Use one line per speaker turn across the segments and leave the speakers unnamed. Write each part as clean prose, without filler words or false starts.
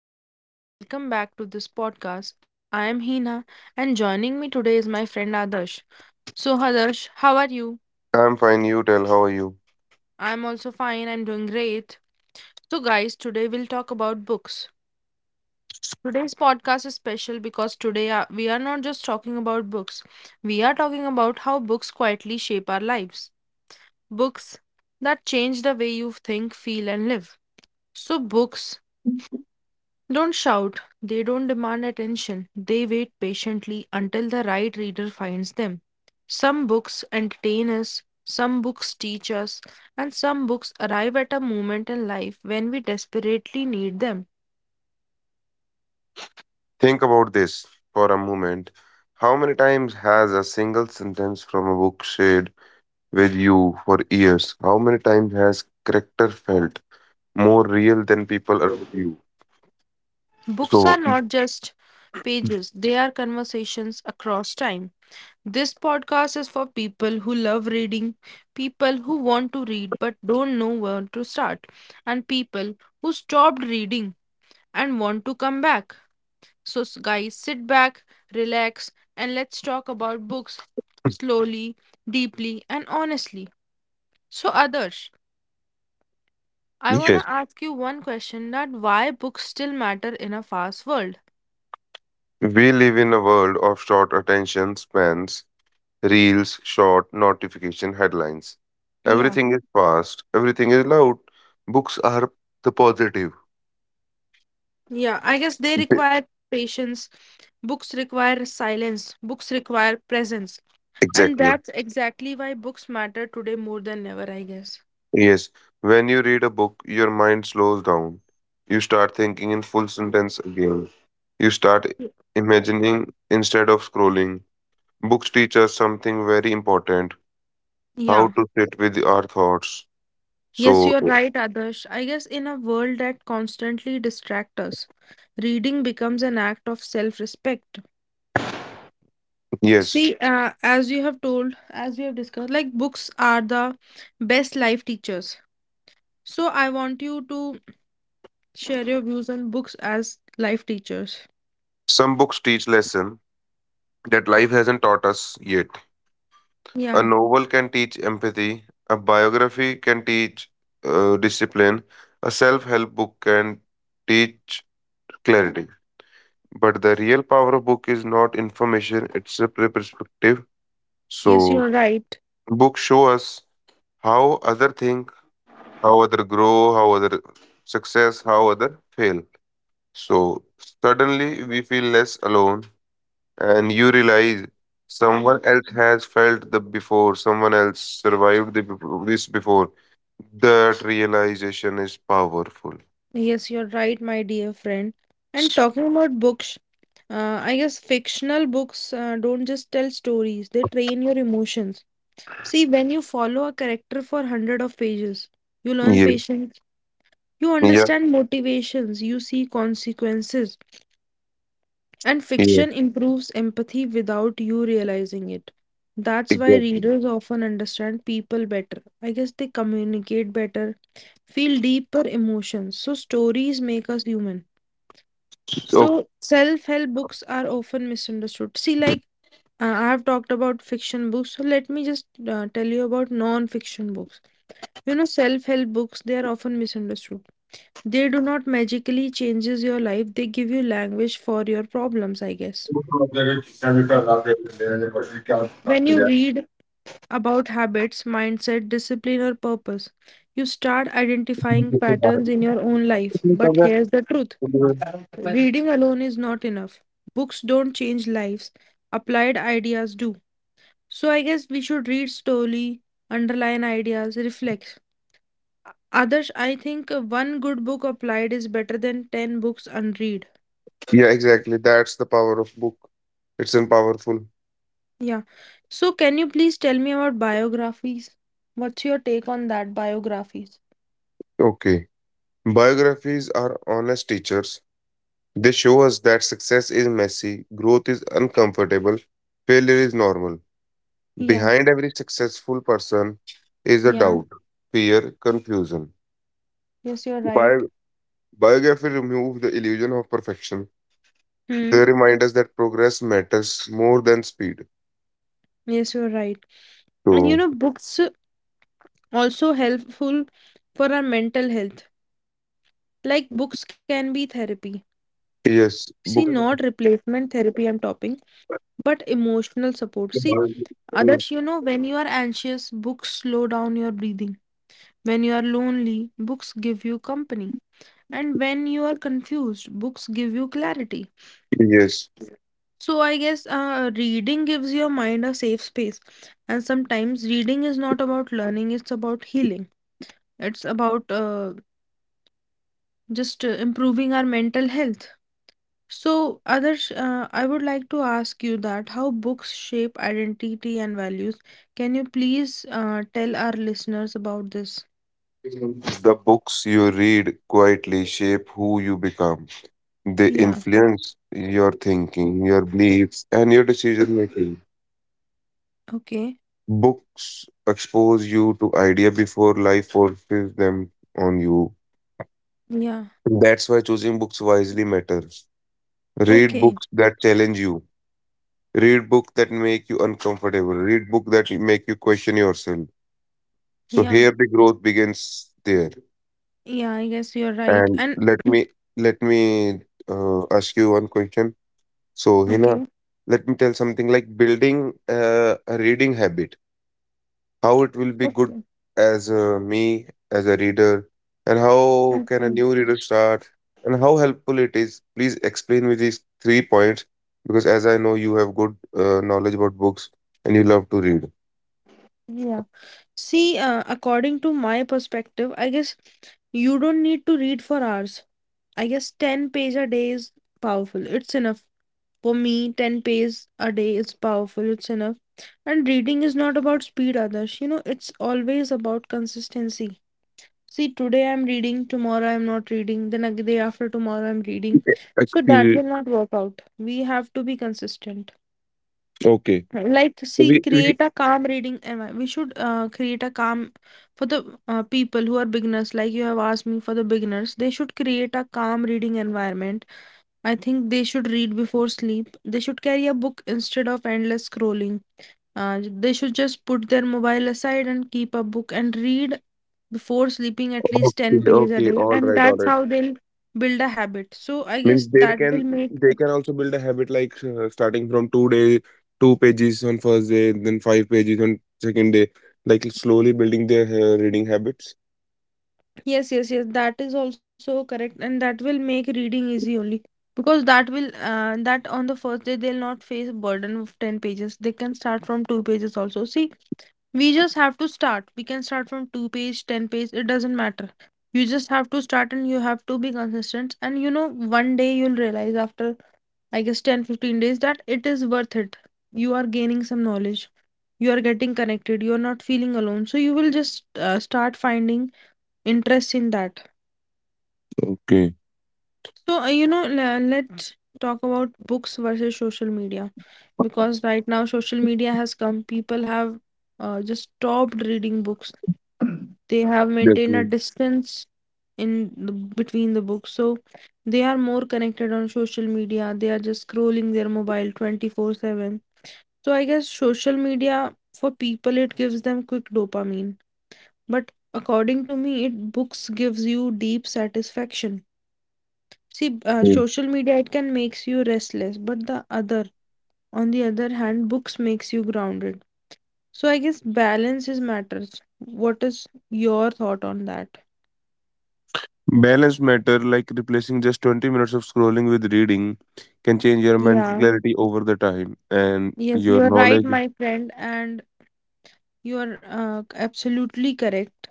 Hello, everyone, and welcome back to this podcast. I am Hina, and joining me today is my friend Adarsh. So, Adarsh, how are you?
I'm fine, you tell, how are you?
I'm also fine, I'm doing great. So, guys, today we'll talk about books. Today's podcast is special because today we are not just talking about books, we are talking about how books quietly shape our lives. Books that change the way you think, feel, and live. So, books don't shout, they don't demand attention, they wait patiently until the right reader finds them. Some books entertain us, some books teach us, and some books arrive at a moment in life when we desperately need them.
Think about this for a moment. How many times has a single sentence from a book stayed with you for years? How many times has character felt more real than people around you?
Books are
So,
not just pages, they are conversations across time. This podcast is for people who love reading, people who want to read but don't know where to start, and people who stopped reading and want to come back. So, guys, sit back, relax, and let's talk about books slowly, deeply, and honestly. So, Adarsh, I want
yes,
to ask you one question that why books still matter in a fast world?
we live in a world of short attention spans, reels, short notification headlines.
Yeah,
Everything is fast, everything is loud. Books are the positive.
yeah, I guess they
Th-
require patience, books require silence, books require presence, and
Exactly.
that's exactly why books matter today more than ever, I guess.
Yes, when you read a book, your mind slows down. You start thinking in full sentence again. You start imagining instead of scrolling. Books teach us something very important how
Yeah.
to sit with our thoughts.
Yes,
So,
you're right, Adarsh. I guess in a world that constantly distracts us, reading becomes an act of self-respect.
yes,
See, as you have told, as we have discussed, like books are the best life teachers. So I want you to share your views on books as life teachers.
some books teach lesson that life hasn't taught us yet. A
Yeah,
novel can teach empathy, a biography can teach discipline, a self help book can teach clarity. But the real power of book is not information, it's a perspective.
yes,
So
you're right.
books show us how other think, how other grow, how other success, how other fail. So suddenly we feel less alone and you realize someone else has felt the before, someone else survived this before. That realization is powerful.
Yes, you're right, my dear friend. And talking about books, I guess fictional books don't just tell stories, they train your emotions. See, when you follow a character for hundred of pages, you learn
Yeah,
patience, you
yeah,
understand motivations, you see consequences, and
yeah,
fiction improves empathy without you realizing it. That's why
exactly.
readers often understand people better. I guess they communicate better, feel deeper emotions. So stories make us human. So self-help books are often misunderstood. See, like I have talked about fiction books, so let me just tell you about non-fiction books. You know, self-help books, they are often misunderstood. They do not magically changes your life. They give you language for your problems, I guess. When you read about habits, mindset, discipline, or purpose, you start identifying patterns in your own life. But here's the truth. Reading alone is not enough. Books don't change lives. Applied ideas do. So I guess we should read slowly, underline ideas, reflect. Others, I think one good book applied is better than 10 books unread.
Yeah, exactly. That's the power of book. It's an powerful.
Yeah. So, can you please tell me about biographies? What's your take on that, biographies?
Okay. Biographies are honest teachers. They show us that success is messy, growth is uncomfortable, failure is normal.
Yeah,
Behind every successful person is a
yeah.
doubt, fear, confusion.
Yes, you're right.
Bi- Biography remove the illusion of perfection. They
Hmm.
remind us that progress matters more than speed.
Yes, you're right. And you
So,
know, books also helpful for our mental health. Like books can be therapy. See,
yes,
not
book.
replacement therapy I'm talking, but emotional support. See, others, you know, when you are anxious, books slow down your breathing. When you are lonely, books give you company. And when you are confused, books give you clarity.
Yes.
So I guess reading gives your mind a safe space. And sometimes reading is not about learning, it's about healing. It's about just improving our mental health. So, Adarsh, I would like to ask you that how books shape identity and values. Can you please tell our listeners about this?
The books you read quietly shape who you become. They
Yeah,
influence your thinking, your beliefs, and your decision making.
okay.
Books expose you to idea before life forces them on you.
Yeah,
That's why choosing books wisely matters. Read
okay.
books that challenge you. Read books that make you uncomfortable. Read books that make you question yourself. So
Yeah.
here the growth begins there.
Yeah, I guess you're right.
And
And
let me ask you one question. So, Hina,
okay,
let me tell something like building a reading habit, how it will be good
okay,
as me as a reader, and how can a
okay.
new reader start, and how helpful it is. Please explain me these three points because, as I know, you have good knowledge about books and you love to read.
Yeah. See, according to my perspective, I guess you don't need to read for hours. I guess 10 page a day is powerful. It's enough. For me, 10 pages a day is powerful. It's enough. And reading is not about speed, others. You know, it's always about consistency. See, today I'm reading, tomorrow I'm not reading, then a day after tomorrow I'm reading.
Okay,
So that
excuse-
will not work out. We have to be consistent.
okay.
Like,
So
see,
we
create a calm reading environment. We should create a calm for the people who are beginners. Like you have asked me for the beginners, they should create a calm reading environment. I think they should read before sleep. They should carry a book instead of endless scrolling. They should just put their mobile aside and keep a book and read before sleeping at least
okay,
10 pages a
okay,
day.
all
And
right, all
that's
right.
how they'll build a habit. So I guess
Means they
that
can
will make.
they can also build a habit like starting from 2 day, two pages on first day, then five pages on second day, like slowly building their reading habits.
Yes, yes, yes. That is also correct, and that will make reading easy only because that will that on the first day they'll not face burden of 10 pages. They can start from two pages also. See, we just have to start. We can start from two page, 10 page, it doesn't matter. You just have to start and you have to be consistent. And you know, one day you'll realize after I guess 10 to 15 days that it is worth it. You are gaining some knowledge. You are getting connected. You are not feeling alone. So you will just start finding interest in that.
Okay.
So, you know, let's talk about books versus social media because right now social media has come. People have just stopped reading books. They have maintained a
Definitely.
distance in between the books. So they are more connected on social media. They are just scrolling their mobile 24/7. So I guess social media for people it gives them quick dopamine, but according to me, it books gives you deep satisfaction. See,
Yeah.
social media it can makes you restless, but on the other hand, books makes you grounded. So I guess balance is matters. What is your thought on that?
Balance matter like replacing just 20 minutes of scrolling with reading can change your mental
Yeah.
clarity over the time and
Yes,
your
you are right,
knowledge.
my friend, and you are absolutely correct.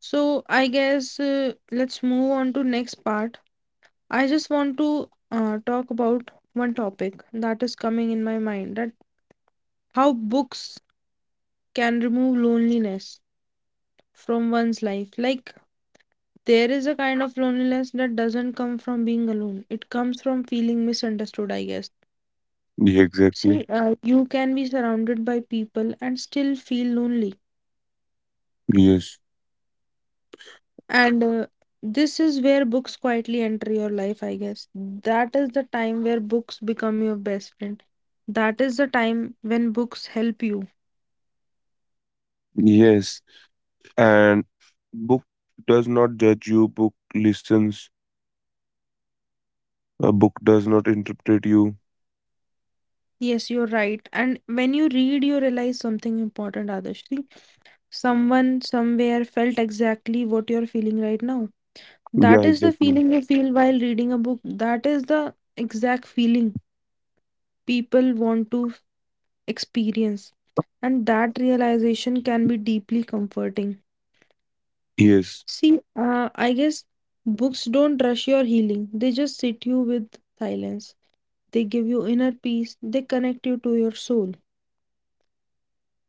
So I guess let's move on to next part. I just want to talk about one topic that is coming in my mind that how books can remove loneliness from one's life. Like, there is a kind of loneliness that doesn't come from being alone. It comes from feeling misunderstood, I guess.
Yeah,
See,
exactly.
you can be surrounded by people and still feel lonely.
Yes.
And this is where books quietly enter your life, I guess. That is the time where books become your best friend. That is the time when books help you.
Yes. And book does not judge you, book listens, a book does not interpret you.
Yes, you're right. And when you read, you realize something important, Adarsh. See, someone somewhere felt exactly what you're feeling right now.
Yeah,
That is the
exactly.
feeling you feel while reading a book. That is the exact feeling people want to experience. And that realization can be deeply comforting.
Yes.
See, I guess books don't rush your healing, they just sit you with silence. They give you inner peace, they connect you to your soul.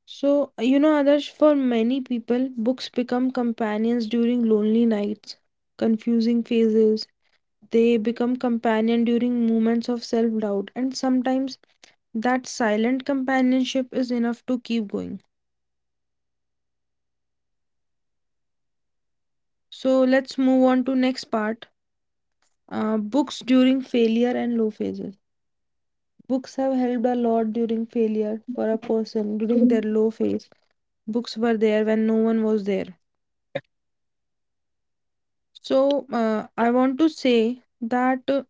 So, you know, others, for many people, books become companions during lonely nights, confusing phases. They become companion during moments of self doubt, and sometimes that silent companionship is enough to keep going. So let's move on to next part. Books during failure and low phases. Books have helped a lot during failure for a person during their low phase. Books were there when no one was there. So I want to say that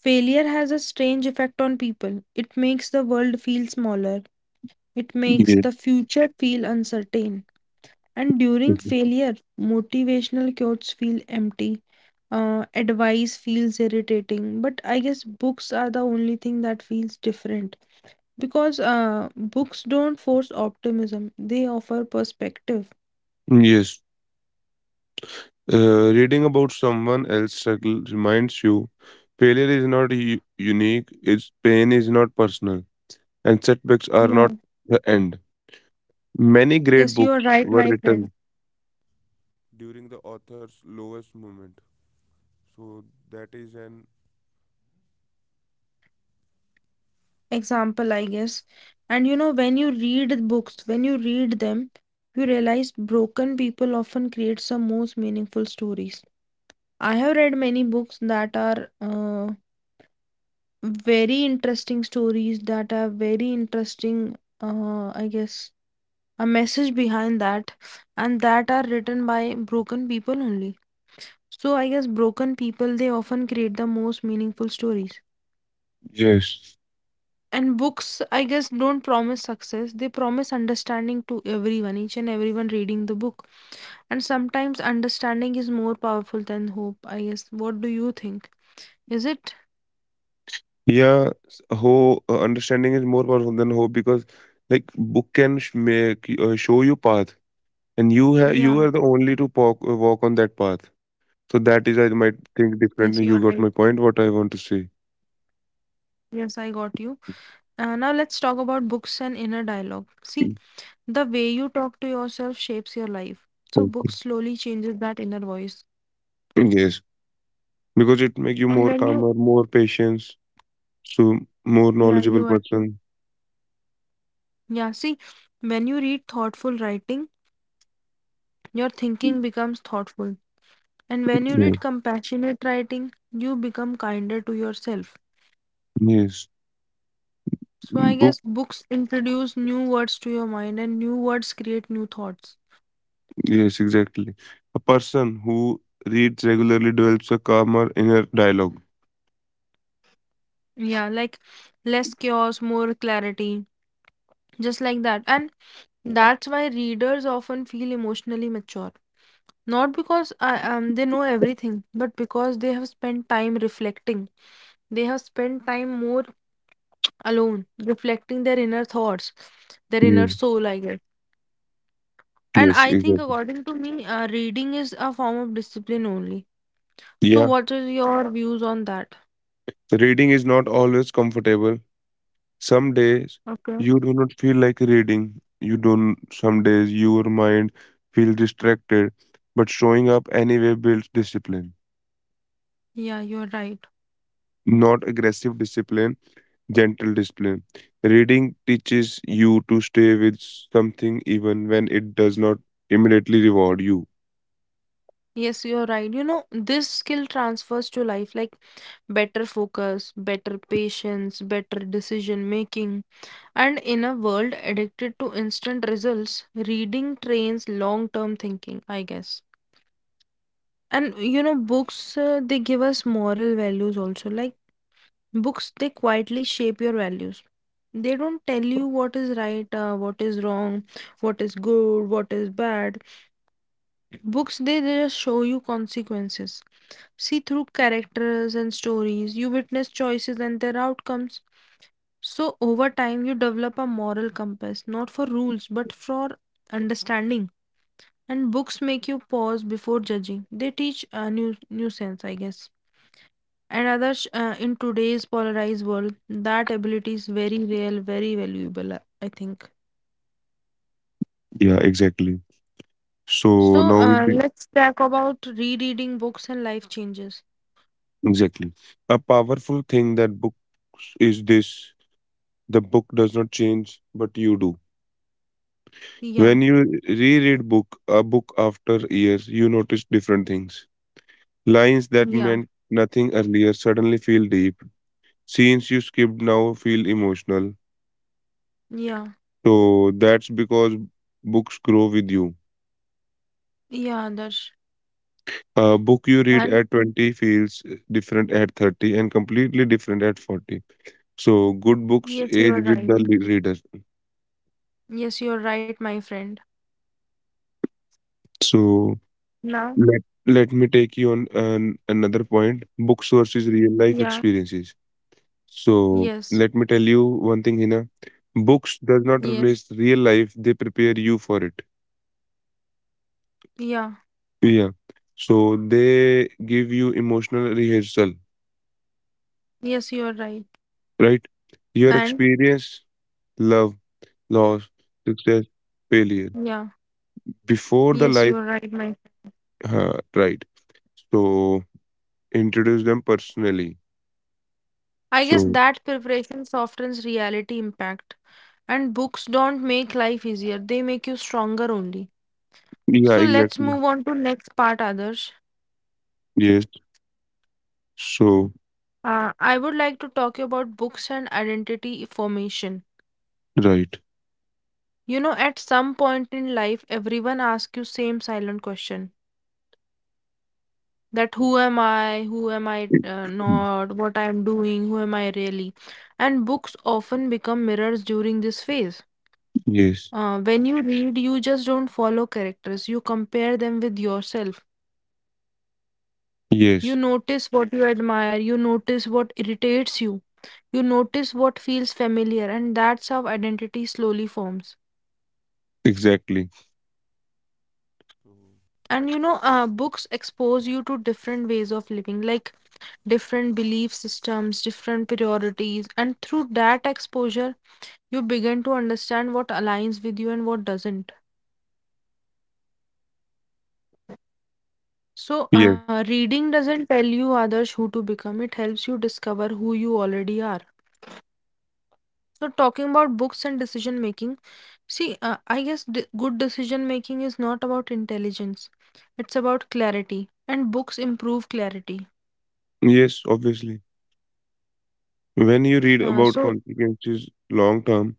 failure has a strange effect on people. It makes the world feel smaller. It makes
Yes.
the future feel uncertain. And during
Mhm.
failure, motivational quotes feel empty. Advice feels irritating, but I guess books are the only thing that feels different because books don't force optimism, they offer perspective.
Yes. Reading about someone else's struggle reminds you failure is not unique, its pain is not personal, and setbacks are
Yeah.
not the end. Many
Yes, you are
great books
right, my
were
friend.
written.
Example, I guess. And you know, when you read books, when you read them, you realize broken people often create some most meaningful stories. I have read many books that are very interesting stories that have very interesting I guess a message behind that and that are written by broken people only, so I guess broken people they often create the most meaningful stories,
Yes.
and books I guess don't promise success, they promise understanding to everyone, each and everyone reading the book, and sometimes understanding is more powerful than hope, I guess. What do you think, is it?
Yeah, s- ho understanding is more powerful than hope because, like, book can make show you path, and you
Yeah,
are the only to walk on that path. So that is, I
yes you
might
are right.
think differently. You got my point. What I want to say.
Yes I got you. Now let's talk about books and inner dialogue. See,
Mm.
the way you talk to yourself shapes your life. So books
Okay.
slowly changes that inner voice.
Yes, because it make you
And
more
when you
calmer, more patience, so more
yeah,
knowledgeable
you are
person.
yeah, see, when you read thoughtful writing, your thinking becomes thoughtful. And when you
Yeah.
read compassionate writing, you become kinder to yourself.
Yes,
So I
book.
guess books introduce new words to your mind and new words create new thoughts.
Yes, exactly. A person who reads regularly develops a calmer inner dialogue.
Yeah, like less chaos, more clarity, just like that. And that's why readers often feel emotionally mature. Not because they know everything, but because they have spent time reflecting. They have spent time more alone, reflecting their inner thoughts, their inner
Yes.
soul, I guess. And
Yes,
I think,
exactly.
according to me, reading is a form of discipline only. So,
Yeah,
what is your views on that?
reading is not always comfortable. Some days
Okay.
you do not feel like reading. You don't, some days your mind feels distracted, but showing up anyway builds discipline.
Yeah, you're right.
Not aggressive discipline, gentle discipline. Reading teaches you to stay with something even when it does not immediately reward you.
Yes, you're right. You know, this skill transfers to life, like better focus, better patience, better decision making. And in a world addicted to instant results, reading trains long term thinking, I guess. And you know, books, they give us moral values also. Like books, they quietly shape your values. They don't tell you what is right, what is wrong, what is good, what is bad. Books, they just show you consequences. See, through characters and stories, you witness choices and their outcomes. So, over time, you develop a moral compass, not for rules, but for understanding. And books make you pause before judging. They teach a new sense, I guess. And others, in today's polarized world, that ability is very real, very valuable, I think.
Yeah, exactly. So
So, let's talk about rereading books and life changes.
exactly. A powerful thing that books is this. The book does not change, but you do. When
Yeah,
you reread book a book after years, you notice different things. Lines that
yeah.
meant nothing earlier suddenly feel deep. Scenes you skipped now feel emotional.
Yeah,
So that's because books grow with you.
yeah, Adarsh.
A book you read
And
at 20 feels different at 30 and completely different at 40. So good books
yes, you
age
are
with
right.
the reader.
Yes, you are right, my friend.
So
Now,
Let let me take you on another point. Book sources, real life
yeah,
experiences. So
yes,
let me tell you one thing, Hina. Books does not
yeah,
replace real life. They prepare you for it.
yeah,
Yeah. So they give you emotional rehearsal,
yes, you are right.
right? Your
And
experience, love, loss, success, failure.
yeah,
Before the
yes, you
life,
are right, my friend.
right? So introduce them personally.
I guess
So
that preparation softens reality impact. And books don't make life easier, they make you stronger only.
yeah,
So let's
exactly.
move on to next part, Adarsh.
Yes. So
I would like to talk about books and identity formation.
right.
You know, at some point in life, everyone asks you same silent question that who am I
Mm.
not, what I am doing, who am I really? And books often become mirrors during this phase.
Yes,
When you read, you just don't follow characters, you compare them with yourself. You
yes,
notice what you admire, you notice what irritates you, you notice what feels familiar, and that's how identity slowly forms.
exactly.
And you know, books expose you to different ways of living. Like different belief systems, different priorities, and through that exposure, you begin to understand what aligns with you and what doesn't.
Yes.
So, reading doesn't tell you others who to become, it helps you discover who you already are. So, talking about books and decision making, see, I guess good decision making is not about intelligence, it's about clarity, and books improve clarity.
Yes, obviously. When you read
Uh,
about
so,
consequences long term,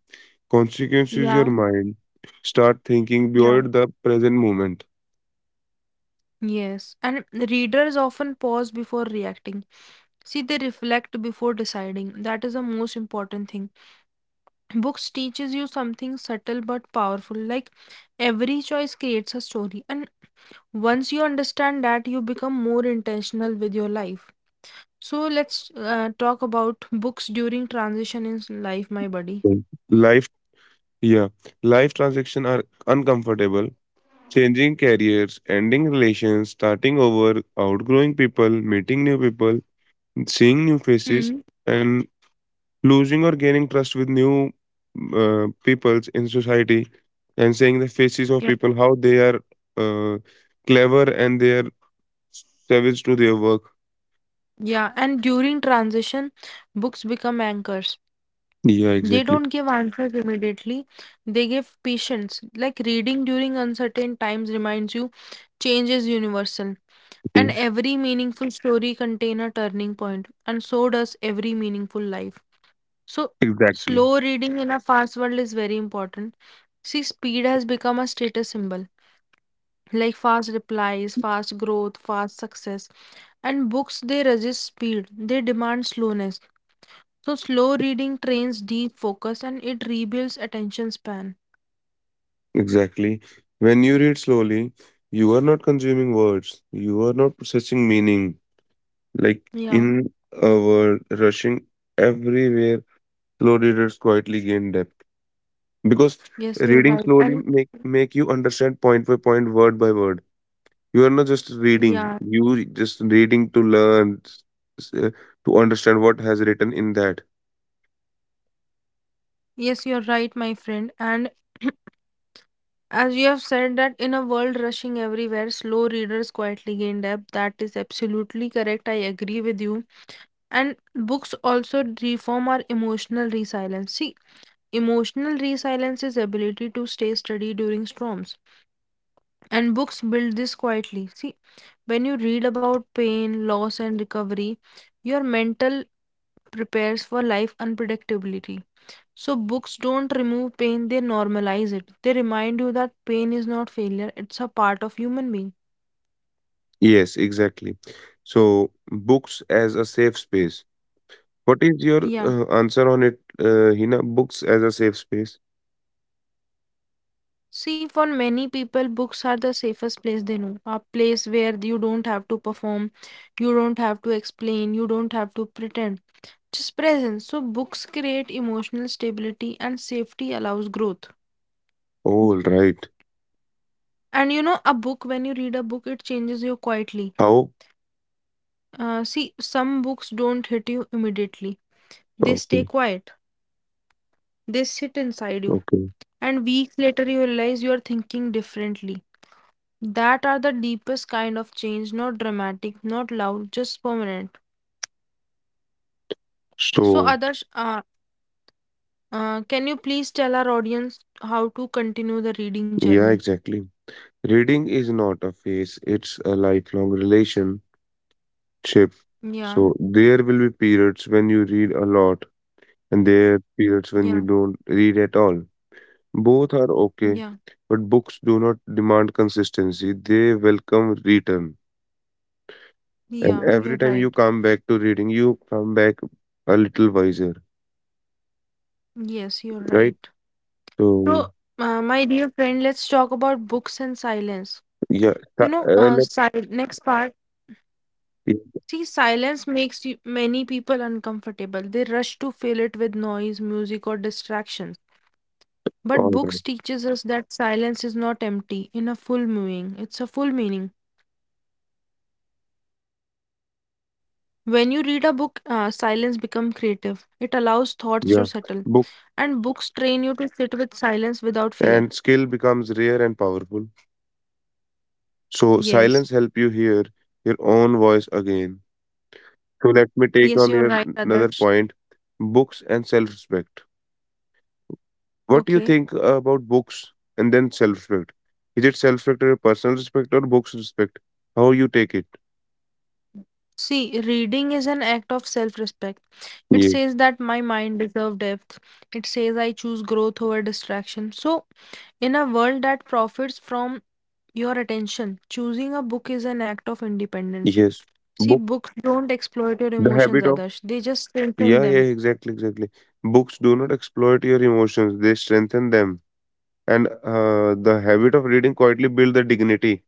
consequences your
yeah,
mind start thinking beyond
yeah.
the present moment.
Yes, and readers often pause before reacting. See, they reflect before deciding. That is the most important thing. Books teaches you something subtle but powerful. Like every choice creates a story. And once you understand that, you become more intentional with your life. So let's talk about books during transition in life, my buddy.
Mm. Life, yeah, life transactions are uncomfortable. Changing careers, ending relations, starting over, outgrowing people, meeting new people, seeing new faces,
Hmm.
and losing or gaining trust with new peoples in society and seeing the faces of
Yeah.
people, how they are uh, clever and they are savage to their work.
Yeah, and during transition, books become anchors.
Yeah,
They
exactly.
don't give answers immediately. They give patience. Like reading during uncertain times reminds you change is universal. And
Yes.
every meaningful story contains a turning point, and so does every meaningful life. So,
Exactly.
slow reading in a fast world is very important. See, speed has become a status symbol, like fast replies, fast growth, fast success. And books, they resist speed, they demand slowness. So slow reading trains deep focus and it rebuilds attention span.
Exactly. When you read slowly, you are not consuming words, you are not processing meaning. Like
Yeah.
in a world rushing everywhere, slow readers quietly gain depth. Because
Yes, you're
reading
right.
slowly
And
make you understand point by point, word by word. You are not just reading.
yeah,
You just reading to learn, s- uh, to understand what has written in that.
yes, you're right, my friend. And as you have said that in a world rushing everywhere, slow readers quietly gain depth. That is absolutely correct. I agree with you. And books also reform our emotional resilience. See, emotional resilience is ability to stay steady during storms. And books build this quietly. See, when you read about pain, loss, and recovery, your mental prepares for life unpredictability. So, books don't remove pain, they normalize it. They remind you that pain is not failure, it's a part of human being.
Yes, exactly. So books as a safe space. What is your
Yeah.
answer on it, Hina? Books as a safe space.
See, for many people, books are the safest place they know. A place where you don't have to perform, you don't have to explain, you don't have to pretend. Just presence. So, books create emotional stability and safety allows growth.
All right.
And you know, a book, when you read a book, it changes you quietly.
How?
See, some books don't hit you immediately, they stay
Okay.
quiet, they sit inside you.
Okay.
And weeks later, you realize you are thinking differently. That are the deepest kind of change, not dramatic, not loud, just permanent. So,
So
others, can you please tell our audience how to continue the reading
yeah,
journey?
exactly. Reading is not a phase. It's a lifelong relationship.
Yeah,
So there will be periods when you read a lot and there are periods when you
yeah,
don't read at all. Both are okay,
yeah,
but books do not demand consistency. They welcome return. And
yeah, you're
every time you
right.
come back to reading, you come back a little wiser,
Yes, you're
right?
right.
So,
So, my dear friend, let's talk about books and silence.
yeah,
You
th-
know,
uh, let
next part.
yeah,
See, silence makes you, many people uncomfortable. They rush to fill it with noise, music, or distractions. But
all right.
books teaches us that silence is not empty in a full meaning. It's a full meaning. When you read a book, silence become creative. It allows thoughts to settle,
Yeah,
and books
book
train you to sit with silence without fear.
and skill becomes rare and powerful.
Yes,
So, silence help you hear your own voice again. So, let me
yes,
take
you're
on
right,
your
Adarsh.
another point, books and self-respect. What do you
Okay.
think about books and then self-respect? Is it self-respect or personal respect or books respect? How you take it?
See, reading is an act of self respect. It
Yeah.
says that my mind deserves depth. It says I choose growth over distraction. So, in a world that profits from your attention, choosing a book is an act of independence.
Yes.
See,
Book.
books don't exploit your
The
emotions,
habit of.
Adarsh. They just strengthen
Yeah. Yeah.
them.
Exactly. Exactly. Books do not exploit your emotions; they strengthen them. And the habit of reading quietly build the dignity.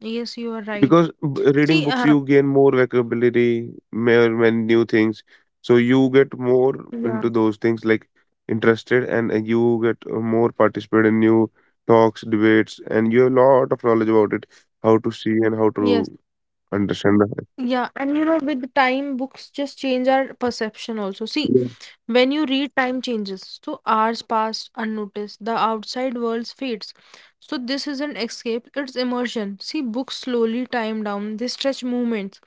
Yes, you are right.
Because b reading
See,
books, you gain more vocabulary, mer many new things. So you get more
yeah,
into those things, like interested, and you get more participate in new talks, debates, and you have a lot of knowledge about it, how to see and how to
yes,
understand the.
yeah. And you know, with time, books just change our perception also. See,
Yeah.
when you read, time changes. So hours pass unnoticed. The outside world fades. So this isn't escape, it's immersion. See, books slowly time down, they stretch movements.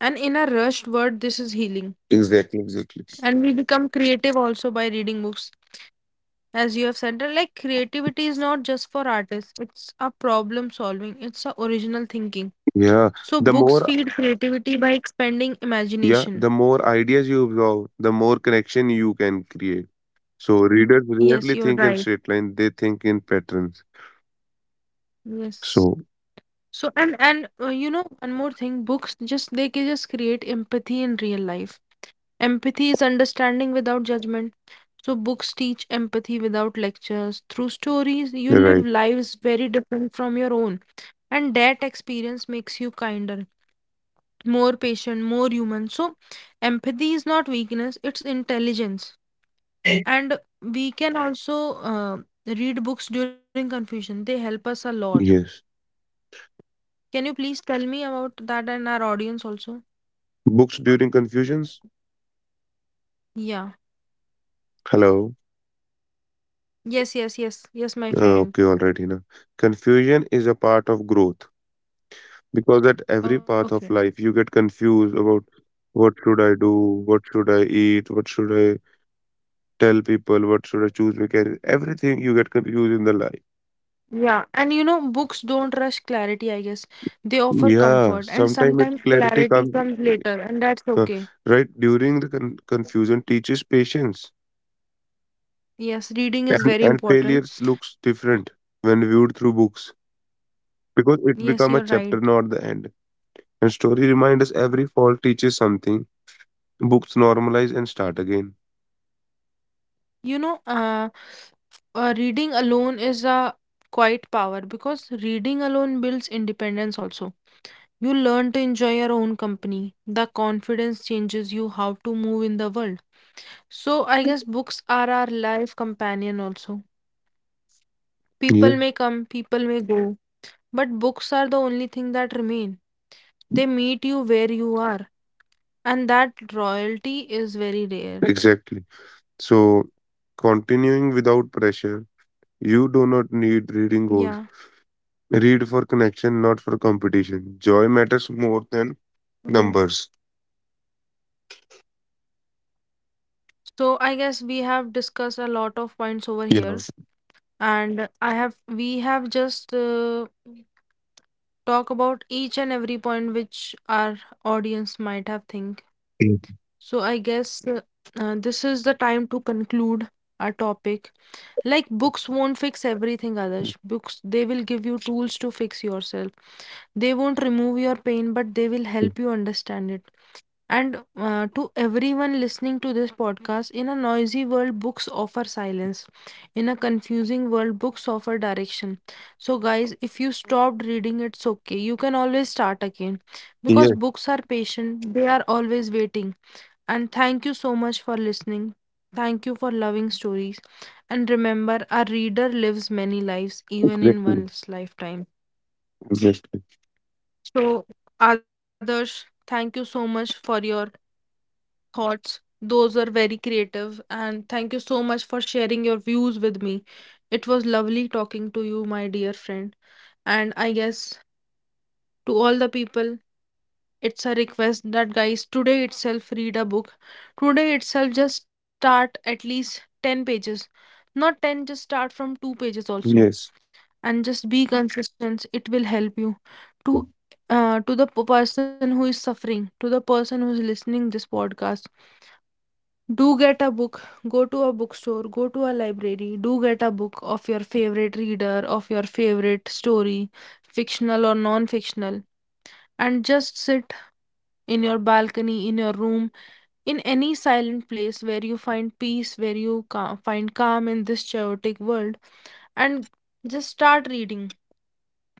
And in a rushed world, this is healing.
Exactly, exactly.
And we become creative also by reading books. As you have said, that, like creativity is not just for artists, it's a problem solving, it's a original thinking.
Yeah,
So
the
books
more
feed creativity by expanding
yeah, the
imagination.
more ideas you absorb, the more connection you can create. So readers
Yes,
rarely
you're
think in
right.
straight line, they think in patterns.
Yes.
So,
So and you know one more thing, books just they can just create empathy in real life. Empathy is understanding without judgment. So books teach empathy without lectures. Through stories, you live
right.
lives very different from your own, and that experience makes you kinder, more patient, more human. So empathy is not weakness; it's intelligence. And we can also uh, read books during confusion. They help us a lot.
Yes.
Can you please tell me about that and our audience also?
Books during confusions?
Yeah.
Hello.
Yes, yes, yes, yes, my friend.
Okay, all right, Hina. Confusion is a part of growth because at every
Okay.
path of life you get confused about what should I do, what should I eat, what should I tell people, what should I choose my career. Everything you get confused in the life.
Yeah, and you know, books don't rush clarity, I guess. They offer
Yeah,
comfort, and
sometimes it's
sometimes
clarity
clarity
comes
comes later, and that's
uh,
okay.
right during the confusion teaches patience
Yes, reading is
and
very
and
important.
failures looks different when viewed through books because it
Yes,
become a
you're
chapter
right.
not the end. And story remind us every fall teaches something. Books normalize and start again.
You know, reading alone is a quite power because reading alone builds independence also. You learn to enjoy your own company. The confidence changes you how to move in the world. So I guess books are our life companion also. People
Yes,
may come, people may go, but books are the only thing that remain. They meet you where you are, and that royalty is very rare.
exactly. So, continuing without pressure, you do not need
Yeah.
reading goals. Read for connection, not for competition. Joy matters more than
Yeah.
numbers.
So I guess we have discussed a lot of points over
Yeah.
here, and I have we have just talk about each and every point which our audience might have think.
Mhm.
So I guess this is the time to conclude our topic. Like books won't fix everything, Adarsh. Books, they will give you tools to fix yourself. They won't remove your pain, but they will help you understand it. And to everyone listening to this podcast, in a noisy world, books offer silence. In a confusing world, books offer direction. So, guys, if you stopped reading, it's okay. You can always start again
Yes,
because books are patient, they are always waiting. And thank you so much for listening. Thank you for loving stories. And remember, a reader lives many lives, even in
exactly.
one's lifetime.
Exactly.
So, Adarsh, thank you so much for your thoughts. Those are very creative. And thank you so much for sharing your views with me. It was lovely talking to you, my dear friend. And I guess, to all the people, it's a request that guys today itself read a book, today itself just start at least 10 pages, not 10, just start from 2 pages also,
Yes.
and just be consistent. It will help you to to the person who is suffering, to the person who is listening this podcast, do get a book, go to a bookstore, go to a library, do get a book of your favorite reader, of your favorite story, fictional or non fictional, and just sit in your balcony, in your room, in any silent place where you find peace, where you find calm in this chaotic world, and just start reading.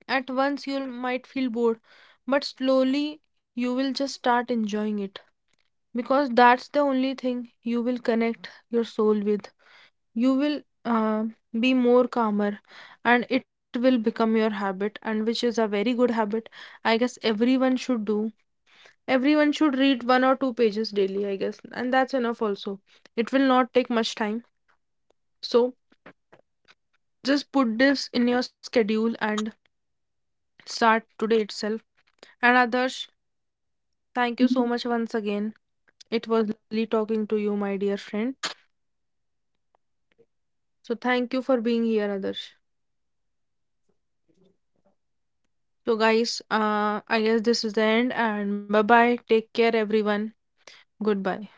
At once, you might feel bored, but slowly you will just start enjoying it because that's the only thing you will connect your soul with. You will be more calmer and it will become your habit, and which is a very good habit. I guess everyone should read one or two pages daily, I guess, and that's enough also. It will not take much time. So just put this in your schedule and start today itself. And Adarsh, thank you so much once again. It was lovely talking to you, my dear friend. So thank you for being here, Adarsh. So guys, I guess this is the end and bye bye. Take care everyone. Goodbye.